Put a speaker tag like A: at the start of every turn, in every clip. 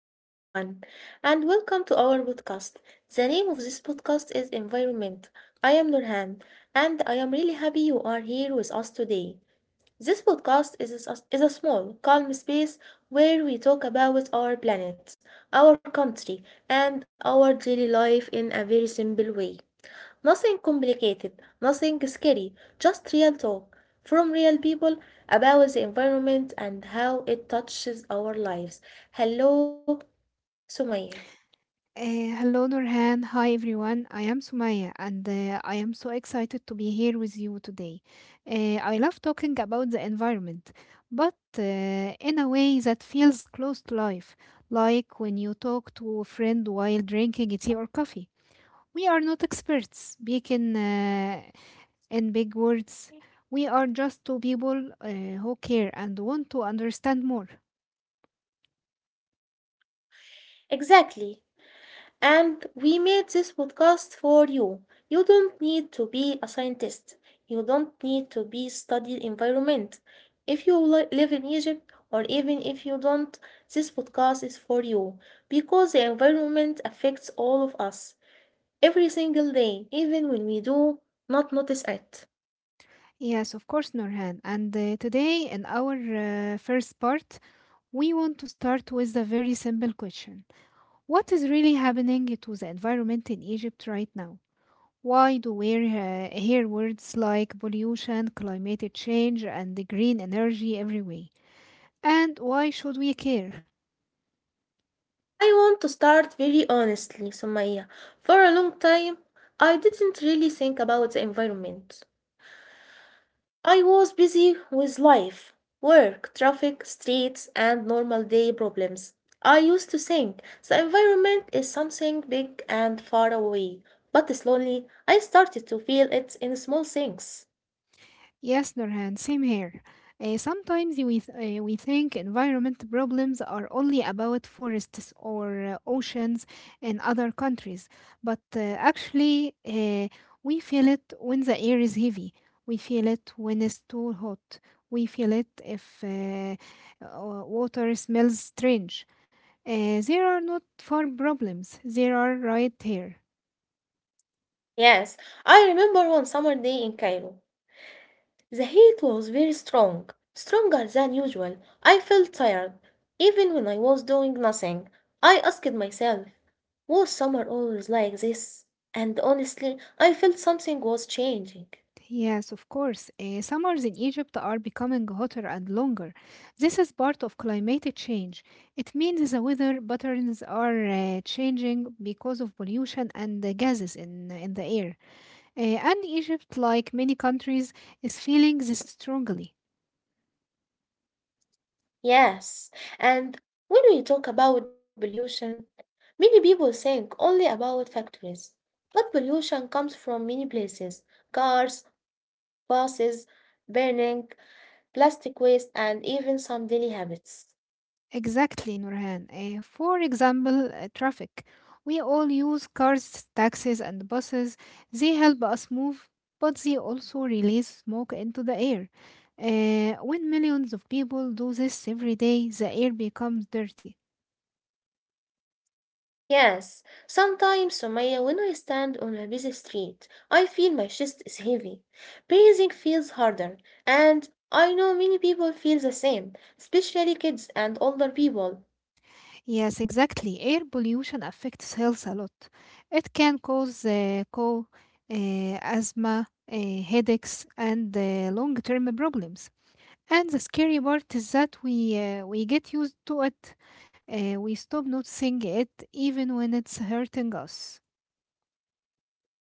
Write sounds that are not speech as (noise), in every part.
A: Hello, everyone, and welcome to our podcast. The name of this podcast is Environment. I am Nurhan, and I am really happy you are here with us today. This podcast is a small, calm space where we talk about our planet, our country, and our daily life in a very simple way. Nothing complicated, nothing scary, just real talk from real people about the environment and how it touches our lives. Hello, Sumaya.
B: Hello, Nurhan. Hi, everyone. I am Sumaya, and I am so excited to be here with you today. I love talking about the environment, but in a way that feels close to life, like when you talk to a friend while drinking tea or coffee. We are not experts. We can in big words, we are just two people who care and want to understand more.
A: Exactly. And we made this podcast for you. You don't need to be a scientist. You don't need to be studied environment. If you live in Egypt or even if you don't, this podcast is for you because the environment affects all of us every single day, even when we do not notice it.
B: Yes, of course, Norhan. And today, in our first part, we want to start with a very simple question: what is really happening to the environment in Egypt right now? Why do we hear words like pollution, climate change, and the green energy everywhere? And why should we care?
A: I want to start very honestly, Sumaya. For a long time, I didn't really think about the environment. I was busy with life, work, traffic, streets, and normal day problems. I used to think the environment is something big and far away, but slowly I started to feel it in small things.
B: Yes, Nurhan, same here. Sometimes we think environment problems are only about forests or oceans in other countries, but actually, we feel it when the air is heavy. We feel it when it's too hot. We feel it if water smells strange. There are not far problems. There are right here.
A: Yes, I remember one summer day in Cairo. The heat was very strong, stronger than usual. I felt tired, even when I was doing nothing. I asked myself, was summer always like this? And honestly, I felt something was changing.
B: Yes, of course. Summers in Egypt are becoming hotter and longer. This is part of climatic change. It means the weather patterns are changing because of pollution and the gases in the air. And Egypt, like many countries, is feeling this strongly.
A: Yes, and when we talk about pollution, many people think only about factories, but pollution comes from many places: cars, buses, burning, plastic waste, and even some daily habits.
B: Exactly, Nurhan. For example, traffic. We all use cars, taxis, and buses. They help us move, but they also release smoke into the air. When millions of people do this every day, the air becomes dirty.
A: Yes, sometimes, Sumaya, when I stand on a busy street, I feel my chest is heavy. Breathing feels harder, and I know many people feel the same, especially kids and older people.
B: Yes, exactly. Air pollution affects health a lot. It can cause cough, asthma, headaches, and long term problems. And the scary part is that we get used to it. We stop noticing it even when it's hurting us.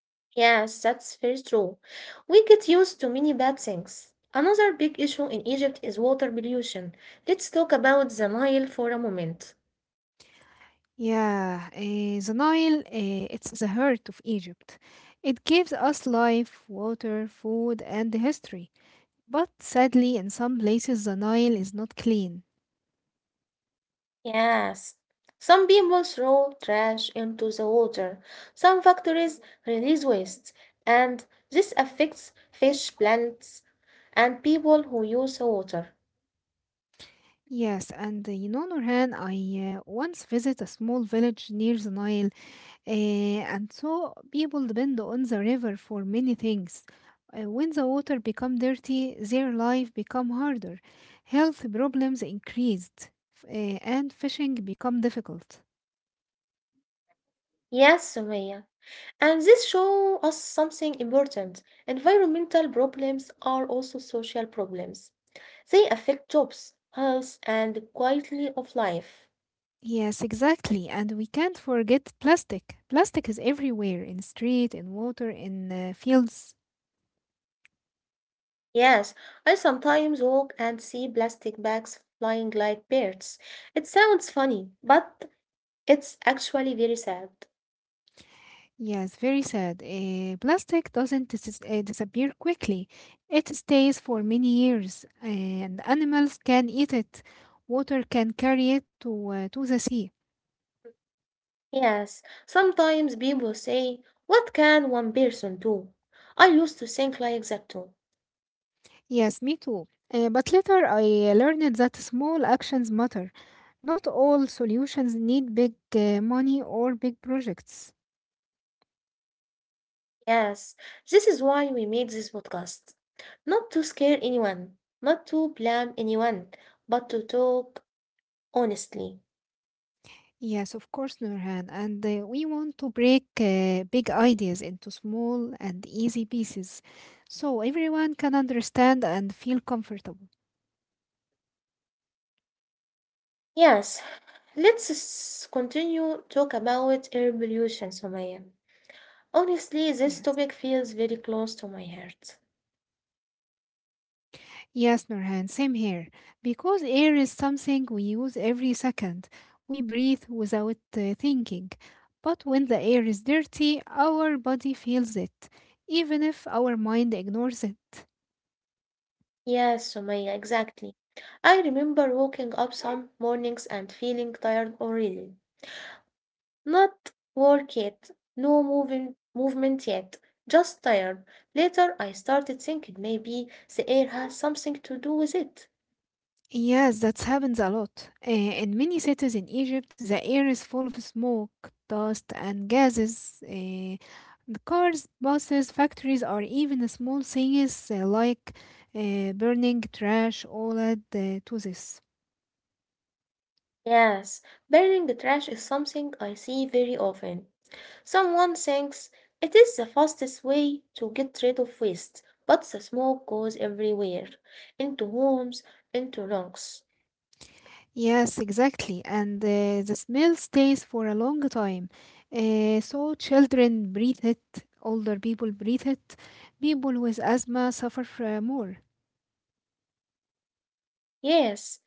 A: Yes, that's very true. We get used to many bad things. Another big issue in Egypt is water pollution. Let's talk about the Nile for a moment.
B: Yeah, the Nile, it's the heart of Egypt. It gives us life, water, food, and history. But sadly, in some places, the Nile is not clean.
A: Yes. Some people throw trash into the water. Some factories release waste, and this affects fish, plants, and people who use the water.
B: Yes, and Nurhan, I once visited a small village near the Nile. And so people depend on the river for many things. When the water become dirty, their life become harder. Health problems increased, and fishing become difficult.
A: Yes, Sumaya. And this shows us something important. Environmental problems are also social problems. They affect jobs, health, and quality of life.
B: Yes, exactly. And we can't forget plastic. Plastic is everywhere in street, in water, in fields.
A: Yes, I sometimes walk and see plastic bags flying like birds. It sounds funny, but it's actually very sad.
B: Yes, very sad. Plastic doesn't disappear quickly. It stays for many years, and animals can eat it. Water can carry it to the sea.
A: Yes, sometimes people say, what can one person do? I used to think like that too.
B: Yes, me too. But later I learned that small actions matter. Not all solutions need big money or big projects.
A: Yes, this is why we made this podcast. Not to scare anyone, not to blame anyone, but to talk honestly.
B: Yes, of course, Nurhan. And we want to break big ideas into small and easy pieces so everyone can understand and feel comfortable.
A: Yes, let's continue talk about air pollution, Sumaya. Honestly, this topic
B: Yes.
A: feels very close to my heart.
B: Yes, Nurhan, same here. Because air is something we use every second, we breathe without thinking. But when the air is dirty, our body feels it, even if our mind ignores it.
A: Yes, Sumaya, exactly. I remember waking up some mornings and feeling tired already. Not work yet, no moving, movement yet, just tired. Later, I started thinking maybe the air has something to do with it.
B: Yes, that happens a lot. In many cities in Egypt, the air is full of smoke, dust, and gases. The cars, buses, factories, or even small things like burning trash all add to this.
A: Yes, burning trash is something I see very often. Someone thinks it is the fastest way to get rid of waste, but the smoke goes everywhere into homes, into lungs.
B: Yes, exactly. And the smell stays for a long time. So children breathe it, older people breathe it, people with asthma suffer more.
A: Yes,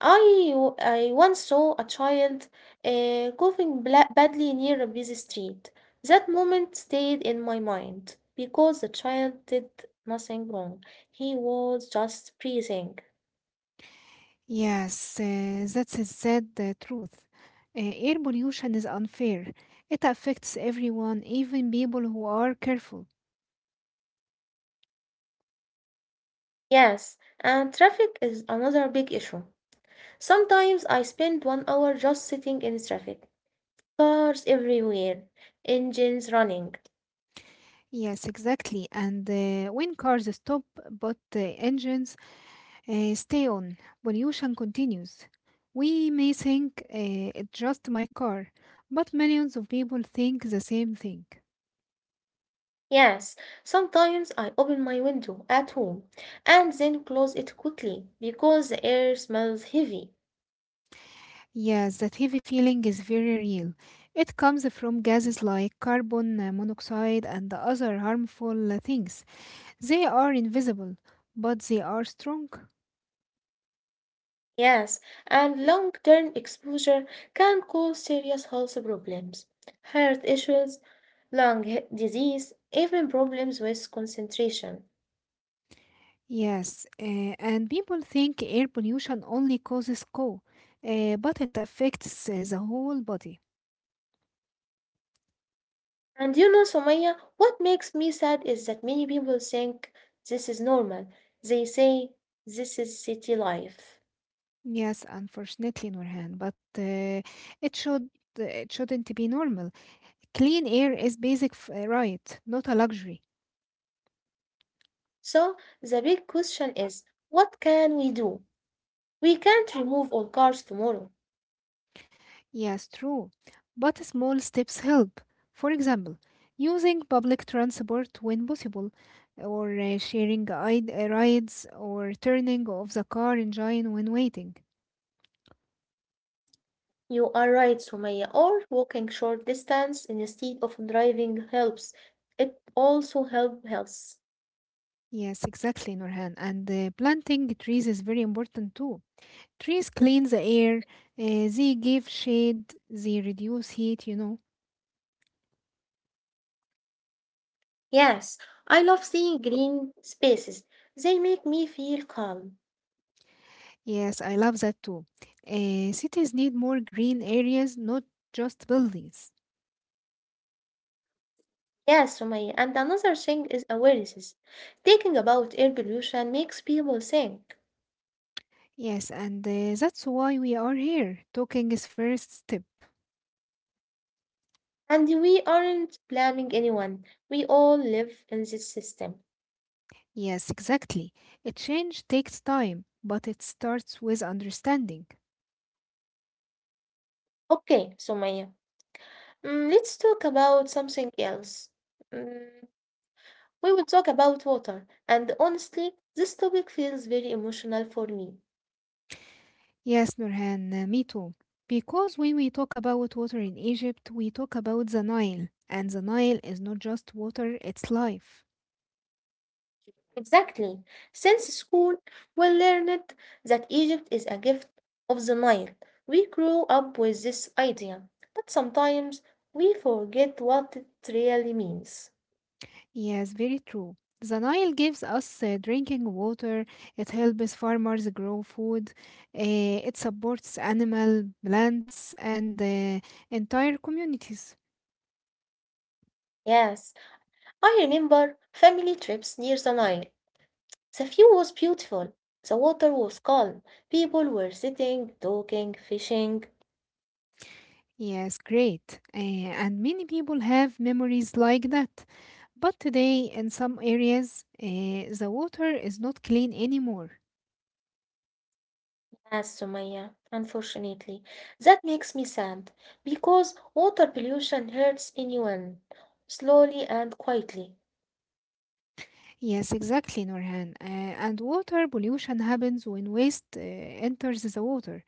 A: I, I once saw a child coughing badly near a busy street. That moment stayed in my mind because the child did nothing wrong. He was just breathing.
B: Yes, that's a sad truth. Uh, Air pollution is unfair. It affects everyone, even people who are careful.
A: Yes, and traffic is another big issue. Sometimes I spend one hour just sitting in traffic. Cars everywhere, engines running.
B: Yes, exactly. And when cars stop but the engines stay on, pollution continues. We may think it's just my car, but millions of people think the same thing.
A: Yes, sometimes I open my window at home and then close it quickly because the air smells heavy.
B: Yes, that heavy feeling is very real. It comes from gases like carbon monoxide and other harmful things. They are invisible, but they are strong.
A: Yes, and long term exposure can cause serious health problems, heart issues, lung disease, even problems with concentration.
B: Yes, and people think air pollution only causes CO, but it affects the whole body.
A: And you know, Somaya, what makes me sad is that many people think this is normal. They say this is city life.
B: Yes, unfortunately, Nurhan, but it should it shouldn't be normal. Clean air is basic right, not a luxury.
A: So the big question is, what can we do? We can't remove all cars tomorrow.
B: Yes, true. But small steps help. For example, using public transport when possible, or sharing rides, or turning off the car engine when waiting.
A: You are right, Sumaya, or walking short distance instead of driving helps. It also help health.
B: Yes, exactly, Nurhan. And planting trees is very important too. Trees clean the air, they give shade, they reduce heat.
A: Yes, I love seeing green spaces. They make me feel calm.
B: Yes, I love that too. Cities need more green areas, not just buildings.
A: Yes, Sumaya, and another thing is awareness. Thinking about air pollution makes people think.
B: Yes, and that's why we are here. Talking is first step.
A: And we aren't blaming anyone. We all live in this system.
B: Yes, exactly. A change takes time, but it starts with understanding.
A: Okay, Sumaya. Let's talk about something else. Mm, we will talk about water, and honestly, this topic feels very emotional for me.
B: Yes, Nurhan, me too. Because when we talk about water in Egypt, we talk about the Nile, and the Nile is not just water, it's life.
A: Exactly. Since school, we learned that Egypt is a gift of the Nile. We grew up with this idea, but sometimes we forget what it really means.
B: Yes, very true. The Nile gives us drinking water, it helps farmers grow food, uh, it supports animal, plants, and entire communities.
A: Yes, I remember family trips near the Nile. The view was beautiful, the water was calm, people were sitting, talking, fishing.
B: Yes, great. And many people have memories like that. But today, in some areas, the water is not clean anymore.
A: Yes, Sumaya, unfortunately. That makes me sad because water pollution hurts anyone, slowly and quietly.
B: Yes, exactly, Norhan. And water pollution happens when waste enters the water.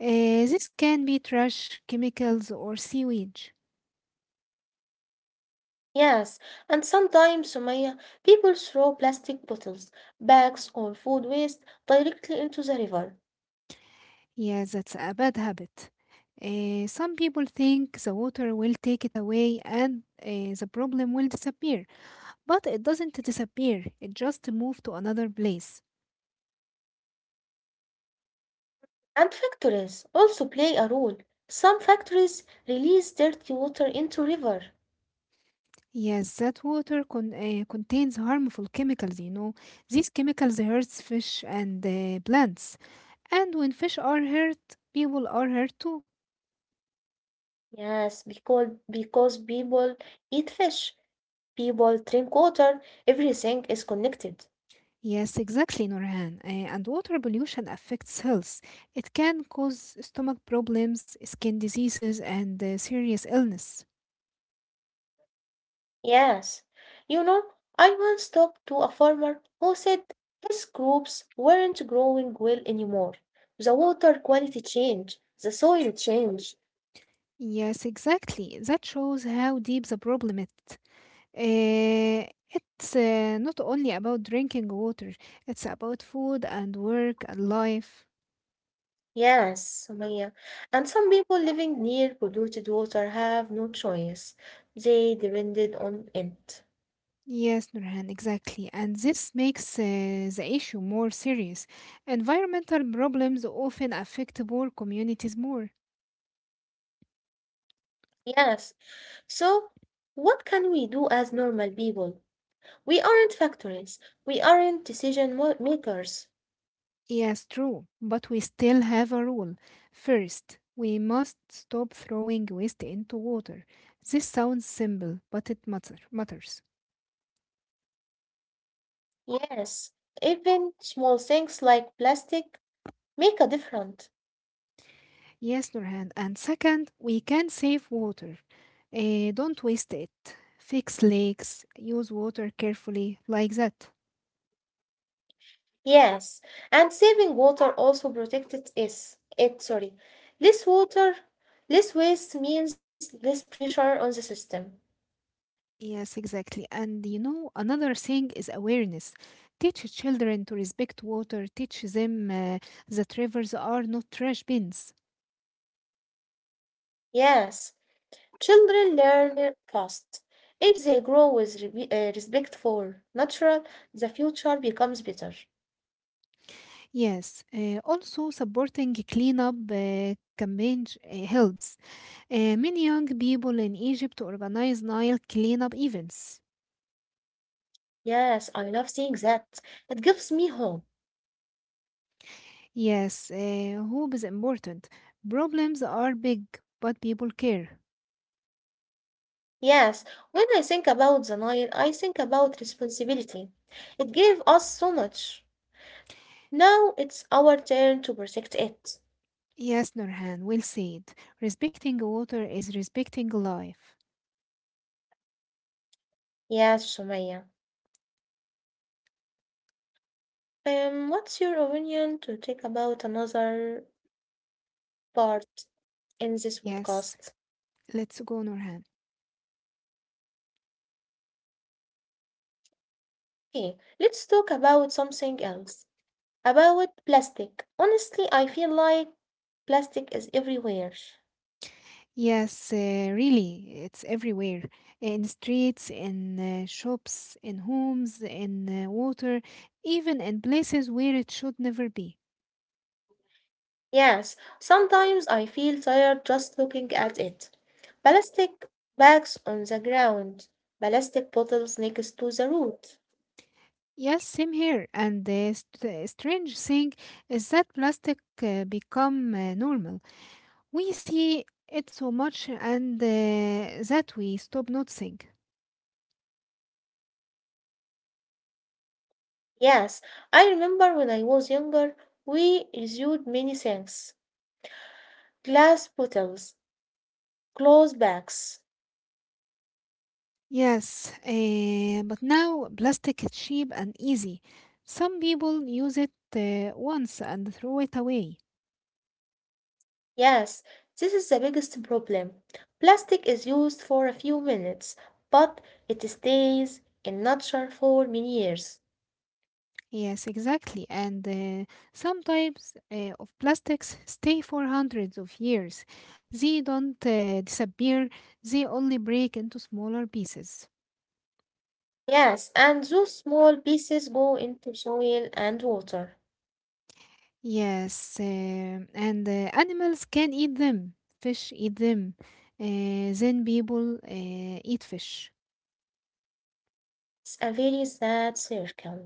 B: This can be trash, chemicals, or sewage.
A: Yes, and sometimes, Sumaya, people throw plastic bottles, bags, or food waste directly into the river.
B: Yeah, that's a bad habit. Some people think the water will take it away and the problem will disappear, but it doesn't disappear, it just moves to another place.
A: And factories also play a role. Some factories release dirty water into river.
B: Yes, that water contains harmful chemicals. These chemicals hurts fish and plants. And when fish are hurt, people are hurt too.
A: Yes, because people eat fish, people drink water, everything is connected.
B: Yes, exactly, Norhan. And water pollution affects health. It can cause stomach problems, skin diseases, and serious illness.
A: Yes. You know, I once talked to a farmer who said his crops weren't growing well anymore. The water quality changed, the soil changed.
B: Yes, exactly. That shows how deep the problem is. Eh, it's not only about drinking water, it's about food and work and life.
A: Yes, Sumaya. And some people living near polluted water have no choice. They depended on it.
B: Yes, Nurhan, exactly. And this makes the issue more serious. Environmental problems often affect poor communities more.
A: Yes. So, what can we do as normal people? We aren't factories. We aren't decision makers.
B: Yes, true, but we still have a rule. First, we must stop throwing waste into water. This sounds simple, but it matters.
A: Yes. Even small things like plastic make a difference.
B: Yes, Nurhan. And second, we can save water. Don't waste it. Fix lakes, use water carefully, like that.
A: Yes, and saving water also protected is it sorry. Less water, less waste means less pressure on the system.
B: Yes, exactly. And another thing is awareness. Teach children to respect water, teach them that rivers are not trash bins.
A: Yes, children learn it fast. If they grow with respect for natural, the future becomes better.
B: Yes, also supporting cleanup campaigns helps. Many young people in Egypt organize Nile cleanup events.
A: Yes, I love seeing that. It gives me hope.
B: Yes, hope is important. Problems are big, but people care.
A: Yes, when I think about the Nile, I think about responsibility. It gave us so much. Now it's our turn to protect it.
B: Yes, Nurhan, well said. Respecting water is respecting life.
A: Yes, Sumaya. What's your opinion to take about another part in this
B: Yes,
A: podcast?
B: let's go, Nurhan.
A: Okay, let's talk about something else. About plastic. Honestly, I feel like plastic is everywhere.
B: Yes, really, it's everywhere. In streets, in shops, in homes, in water, even in places where it should never be.
A: Yes, sometimes I feel tired just looking at it. Plastic bags on the ground, plastic bottles next to the road.
B: Yes, same here. And the strange thing is that plastic become normal. We see it so much and that we stop noticing.
A: Yes, I remember when I was younger, we reviewed many things. Glass bottles, clothes bags.
B: Yes, but now plastic is cheap and easy. Some people use it once and throw it away.
A: Yes, this is the biggest problem. Plastic is used for a few minutes, but it stays in nature for many years.
B: Yes, exactly. And some types of plastics stay for hundreds of years. They don't disappear, they only break into smaller pieces.
A: Yes, and those small pieces go into soil and water.
B: Yes, and animals can eat them, fish eat them, then people eat fish.
A: It's a very sad circle.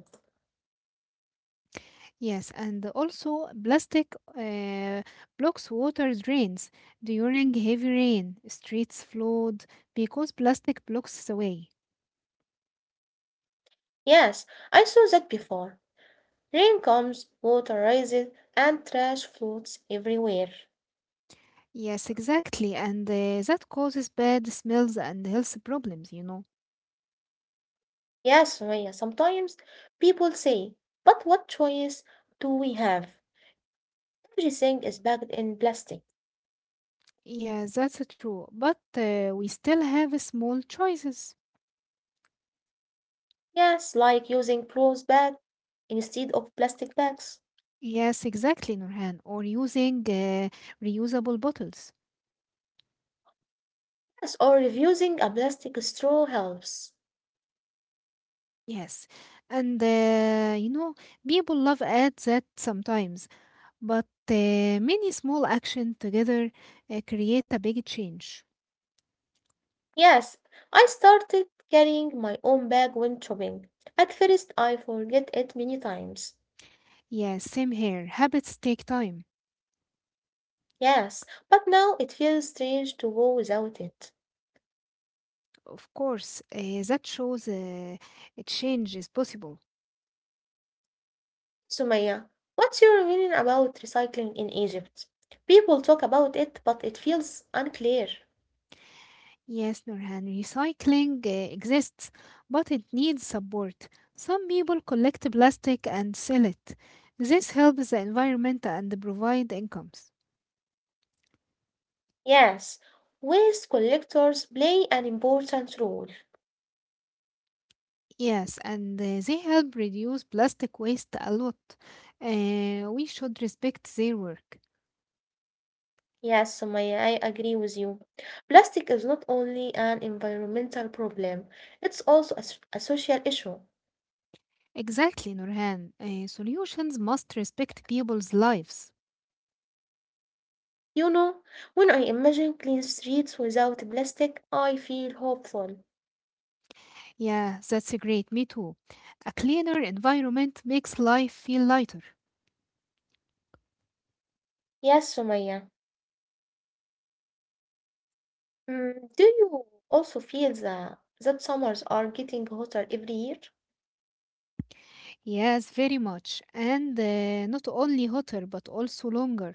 B: Yes, and also plastic blocks water drains during heavy rain, streets flood because plastic blocks the way.
A: Yes, I saw that before. Rain comes, water rises, and trash floats everywhere.
B: Yes, exactly. And that causes bad smells and health problems.
A: Yes, Surya, sometimes people say, but what choice do we have? Everything is bagged in plastic.
B: Yeah, that's true. But we still have small choices.
A: Yes, like using clothes bag instead of plastic bags.
B: Yes, exactly, Nurhan. Or using reusable bottles.
A: Yes, or reusing a plastic straw helps.
B: Yes. And, people love ads that sometimes, but many small action together create a big change.
A: Yes, I started carrying my own bag when shopping. At first, I forget it many times.
B: Yeah, same here. Habits take time.
A: Yes, but now it feels strange to go without it.
B: Of course, that shows a change is possible.
A: Sumaya, what's your opinion about recycling in Egypt? People talk about it, but it feels unclear.
B: Yes, Nurhan, recycling exists, but it needs support. Some people collect plastic and sell it. This helps the environment and provide incomes.
A: Yes, waste collectors play an important role.
B: Yes, and they help reduce plastic waste a lot. We should respect their work.
A: Yes, Sumaya, I agree with you. Plastic is not only an environmental problem, it's also a social issue.
B: Exactly, Nurhan. Solutions must respect people's lives.
A: You know, when I imagine clean streets without plastic, I feel hopeful.
B: Yeah, that's great. Me too. A cleaner environment makes life feel lighter.
A: Yes, Sumaya. Mm, do you also feel that summers are getting hotter every year?
B: Yes, very much. And not only hotter, but also longer.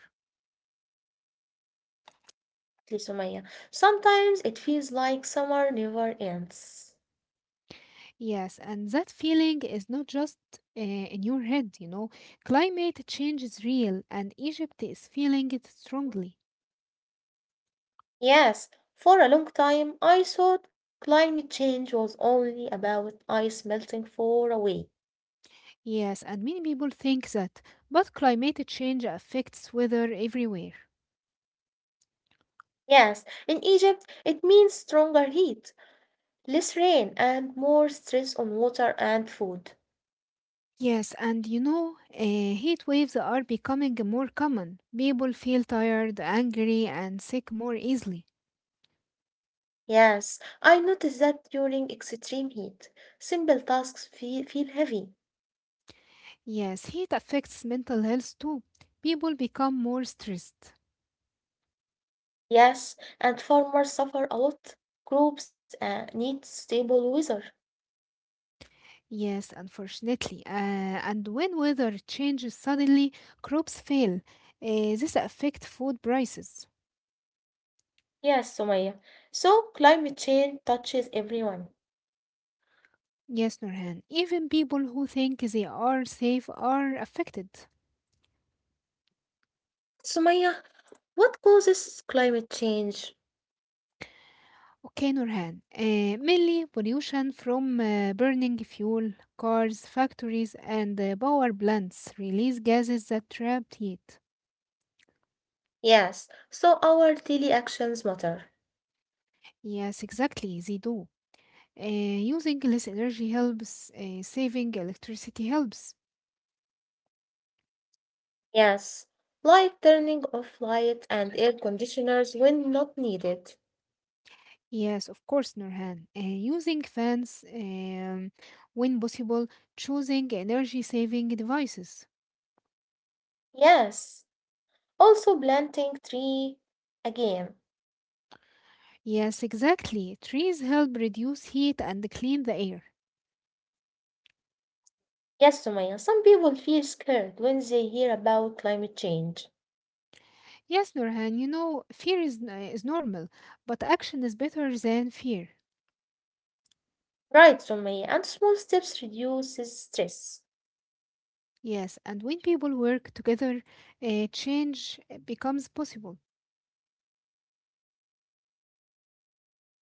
A: Exactly, Sumaya. Sometimes it feels like summer never ends.
B: Yes, and that feeling is not just in your head. Climate change is real, and Egypt is feeling it strongly.
A: Yes, for a long time I thought climate change was only about ice melting far away.
B: Yes, and many people think that, but climate change affects weather everywhere.
A: Yes, in Egypt it means stronger heat, less rain, and more stress on water and food.
B: Yes, and heat waves are becoming more common. People feel tired, angry, and sick more easily.
A: Yes, I noticed that during extreme heat, simple tasks feel heavy.
B: Yes, heat affects mental health too. People become more stressed.
A: Yes, and farmers suffer a lot. Crops need stable weather.
B: Yes, unfortunately. And when weather changes suddenly, crops fail. This affects food prices.
A: Yes, Sumaya. So climate change touches everyone.
B: Yes, Nurhan. Even people who think they are safe are affected.
A: Sumaya, what causes climate change?
B: Okay, Nurhan. Mainly pollution from burning fuel, cars, factories, and power plants release gases that trap heat.
A: Yes, so our daily actions matter.
B: Yes, exactly, they do. Using less energy helps. Saving electricity helps.
A: Yes, like turning off light and air conditioners when not needed.
B: Yes, of course, Nurhan. Using fans when possible, choosing energy saving devices.
A: Yes, also planting tree again.
B: Yes, exactly. Trees help reduce heat and clean the air.
A: Yes, Sumaya, some people feel scared when they hear about climate change.
B: Yes, Nurhan, fear is normal, but action is better than fear.
A: Right, Sumaya, and small steps reduces stress.
B: Yes, and when people work together, change becomes possible.
A: Yes.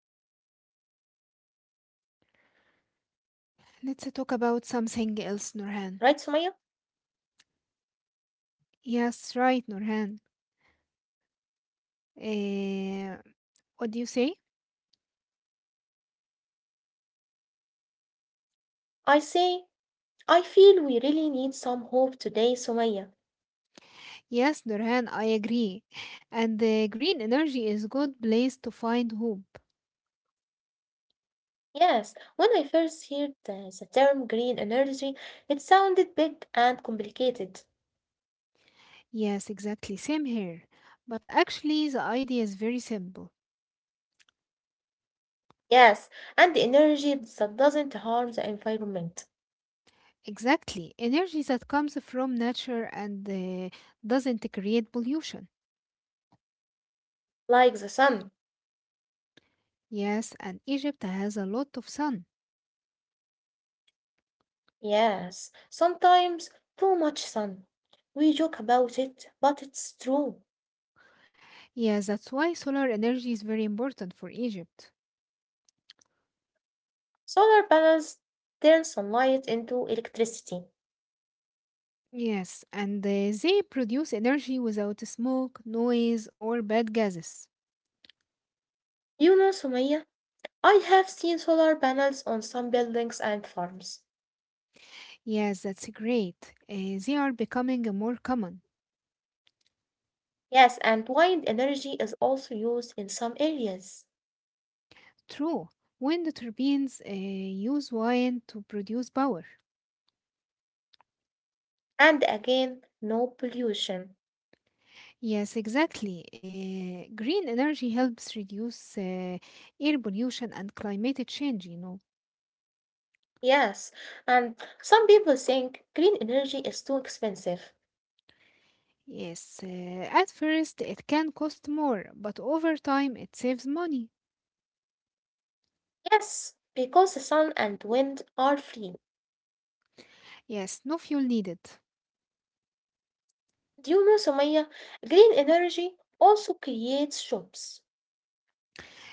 A: I feel we really need some hope today.
B: Let's
A: Right,
B: talk about
A: Sumaya?
B: something else, Nurhan. Yes, right, Nurhan. Eh, what do you say?
A: I say, I feel we really need some hope today, Sumaya.
B: Yes, Nurhan, I agree. And the green energy is good place to find hope.
A: Yes, when I first heard the term green energy, it sounded big and complicated.
B: Yes, exactly. Same here. But actually, the idea is very simple.
A: Yes, and the energy that doesn't harm the environment,
B: Exactly. Energy that comes from nature and doesn't create pollution.
A: like the sun.
B: Yes, and Egypt has a lot of sun.
A: Yes, sometimes too much sun. We joke about it, but it's true.
B: Yes, that's why solar energy is very important for Egypt.
A: Solar panels turn sunlight into electricity.
B: Yes, and they produce energy without smoke, noise, or bad gases.
A: You know, Sumaya, I have seen solar panels on some buildings and farms.
B: Yes, that's great. They are becoming more common.
A: Yes, and wind energy is also used in some areas.
B: True. Wind turbines use wind to produce power.
A: And again, no pollution.
B: Yes, exactly. Green energy helps reduce air pollution and climate change.
A: Yes, and some people think green energy is too expensive.
B: Yes, at first it can cost more, but over time it saves money.
A: Yes, because the sun and wind are free.
B: Yes, no fuel needed.
A: Do you know, Sumaya, green energy also creates jobs.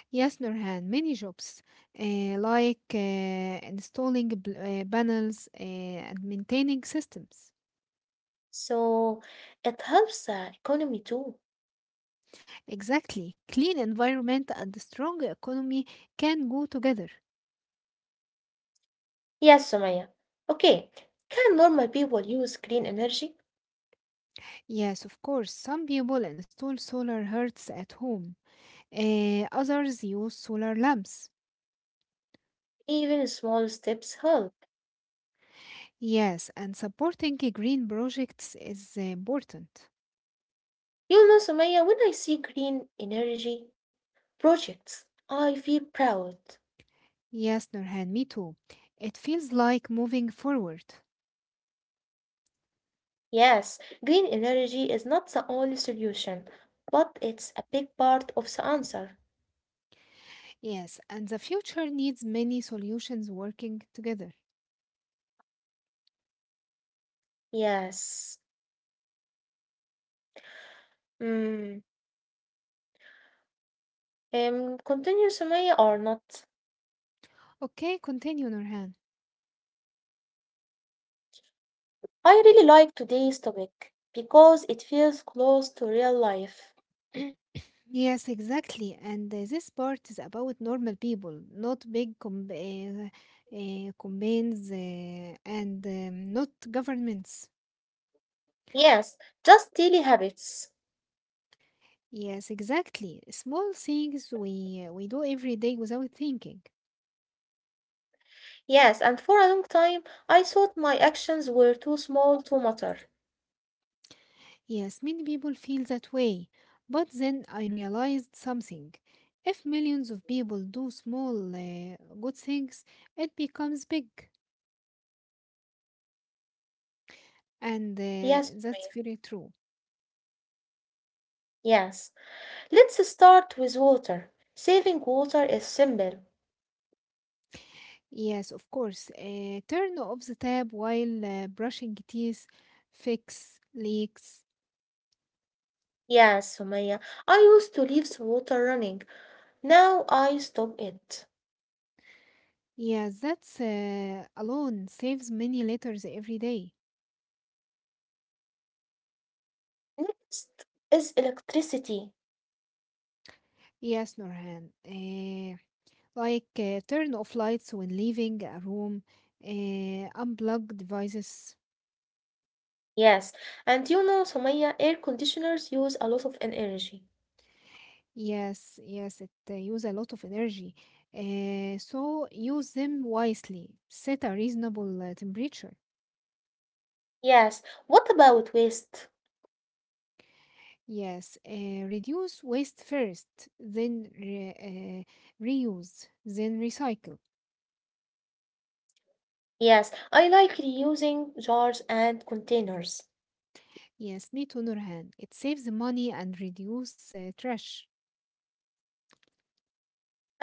B: Yes, Nurhan, many jobs like installing panels and maintaining systems.
A: So it helps the economy too.
B: Exactly. Clean environment and strong economy can go together.
A: Yes, Sumaya. Okay, can normal people use green energy?
B: Yes, of course, some people install solar hearths at home, others use solar lamps.
A: Even small steps help.
B: Yes, and supporting green projects is important.
A: You know, Sumaya, when I see green energy projects, I feel proud.
B: Yes, Nurhan, me too. It feels like moving forward.
A: Yes, green energy is not the only solution, but it's a big part of the answer.
B: Yes, and the future needs many solutions working together.
A: Yes. Mm. Continue, Sumaya, or not?
B: Okay, continue, Nurhan.
A: I really like today's topic because it feels close to real life.
B: (clears throat) Yes, exactly. And this part is about normal people, not big companies and not governments.
A: Yes, just daily habits.
B: Yes, exactly. Small things we do every day without thinking.
A: Yes, and for a long time, I thought my actions were too small to matter.
B: Yes, many people feel that way. But then I realized something. If millions of people do small good things, it becomes big. And
A: Yes,
B: that's
A: Sumaya,
B: very true.
A: yes. Let's start with water. Saving water is simple.
B: Yes, of course. Turn off the tap while brushing teeth, fix leaks.
A: Yes, Sumaya, I used to leave the water running. Now I stop it.
B: Yes, that's alone saves many litters every day.
A: Next is electricity.
B: Yes, Norhan. Like turn off lights when leaving a room, uh, unplug devices.
A: Yes, and you know, Sumaya, air conditioners use a lot of energy.
B: Yes, yes, it use a lot of energy. So use them wisely. Set a reasonable temperature.
A: Yes. What about waste?
B: Yes, reduce waste first, then reuse, then recycle.
A: Yes, I like reusing jars and containers.
B: Yes, me too, Nurhan. It saves money and reduce trash.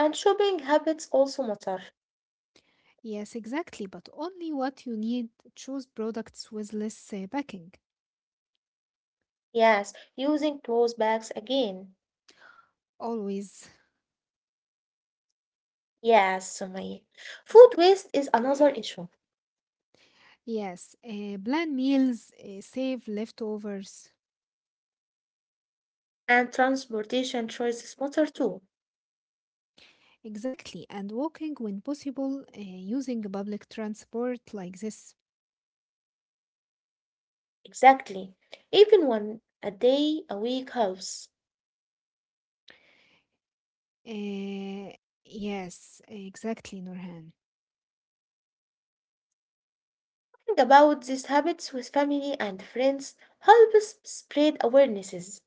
A: And shopping habits also matter.
B: Yes, exactly, but only what you need. Choose products with less packing.
A: Yes, using clothes bags again.
B: Always.
A: Yes, Sumaya. Food waste is another issue.
B: Yes. Plan meals, save leftovers.
A: And transportation choices matter too.
B: Exactly. And walking when possible, using public transport like this.
A: Exactly. Even one a day a week helps.
B: Uh, yes, exactly, Nurhan.
A: Think about these habits with family and friends helps spread awarenesses.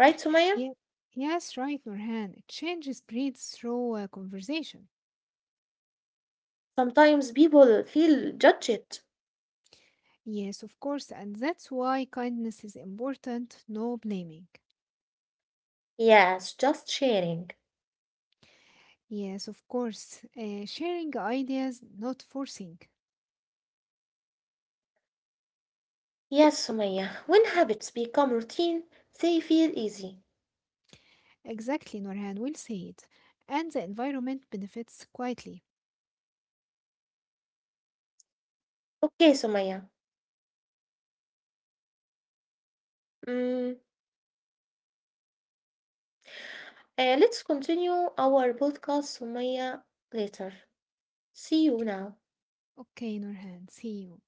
A: Right, Sumaya?
B: Yeah. Yes, right, Nurhan. Change spreads through conversation.
A: Sometimes people feel judged.
B: Yes, of course. And that's why kindness is important, no blaming.
A: Yes, just sharing.
B: Yes, of course. Sharing ideas, not forcing.
A: Yes, Sumaya. When habits become routine, they feel easy.
B: Exactly, Nurhan. We'll see it. And the environment benefits quietly.
A: Okay, Sumaya. Mm, uh, let's continue our podcast, Sumaya, later. See you now.
B: Okay, Nurhan. See you.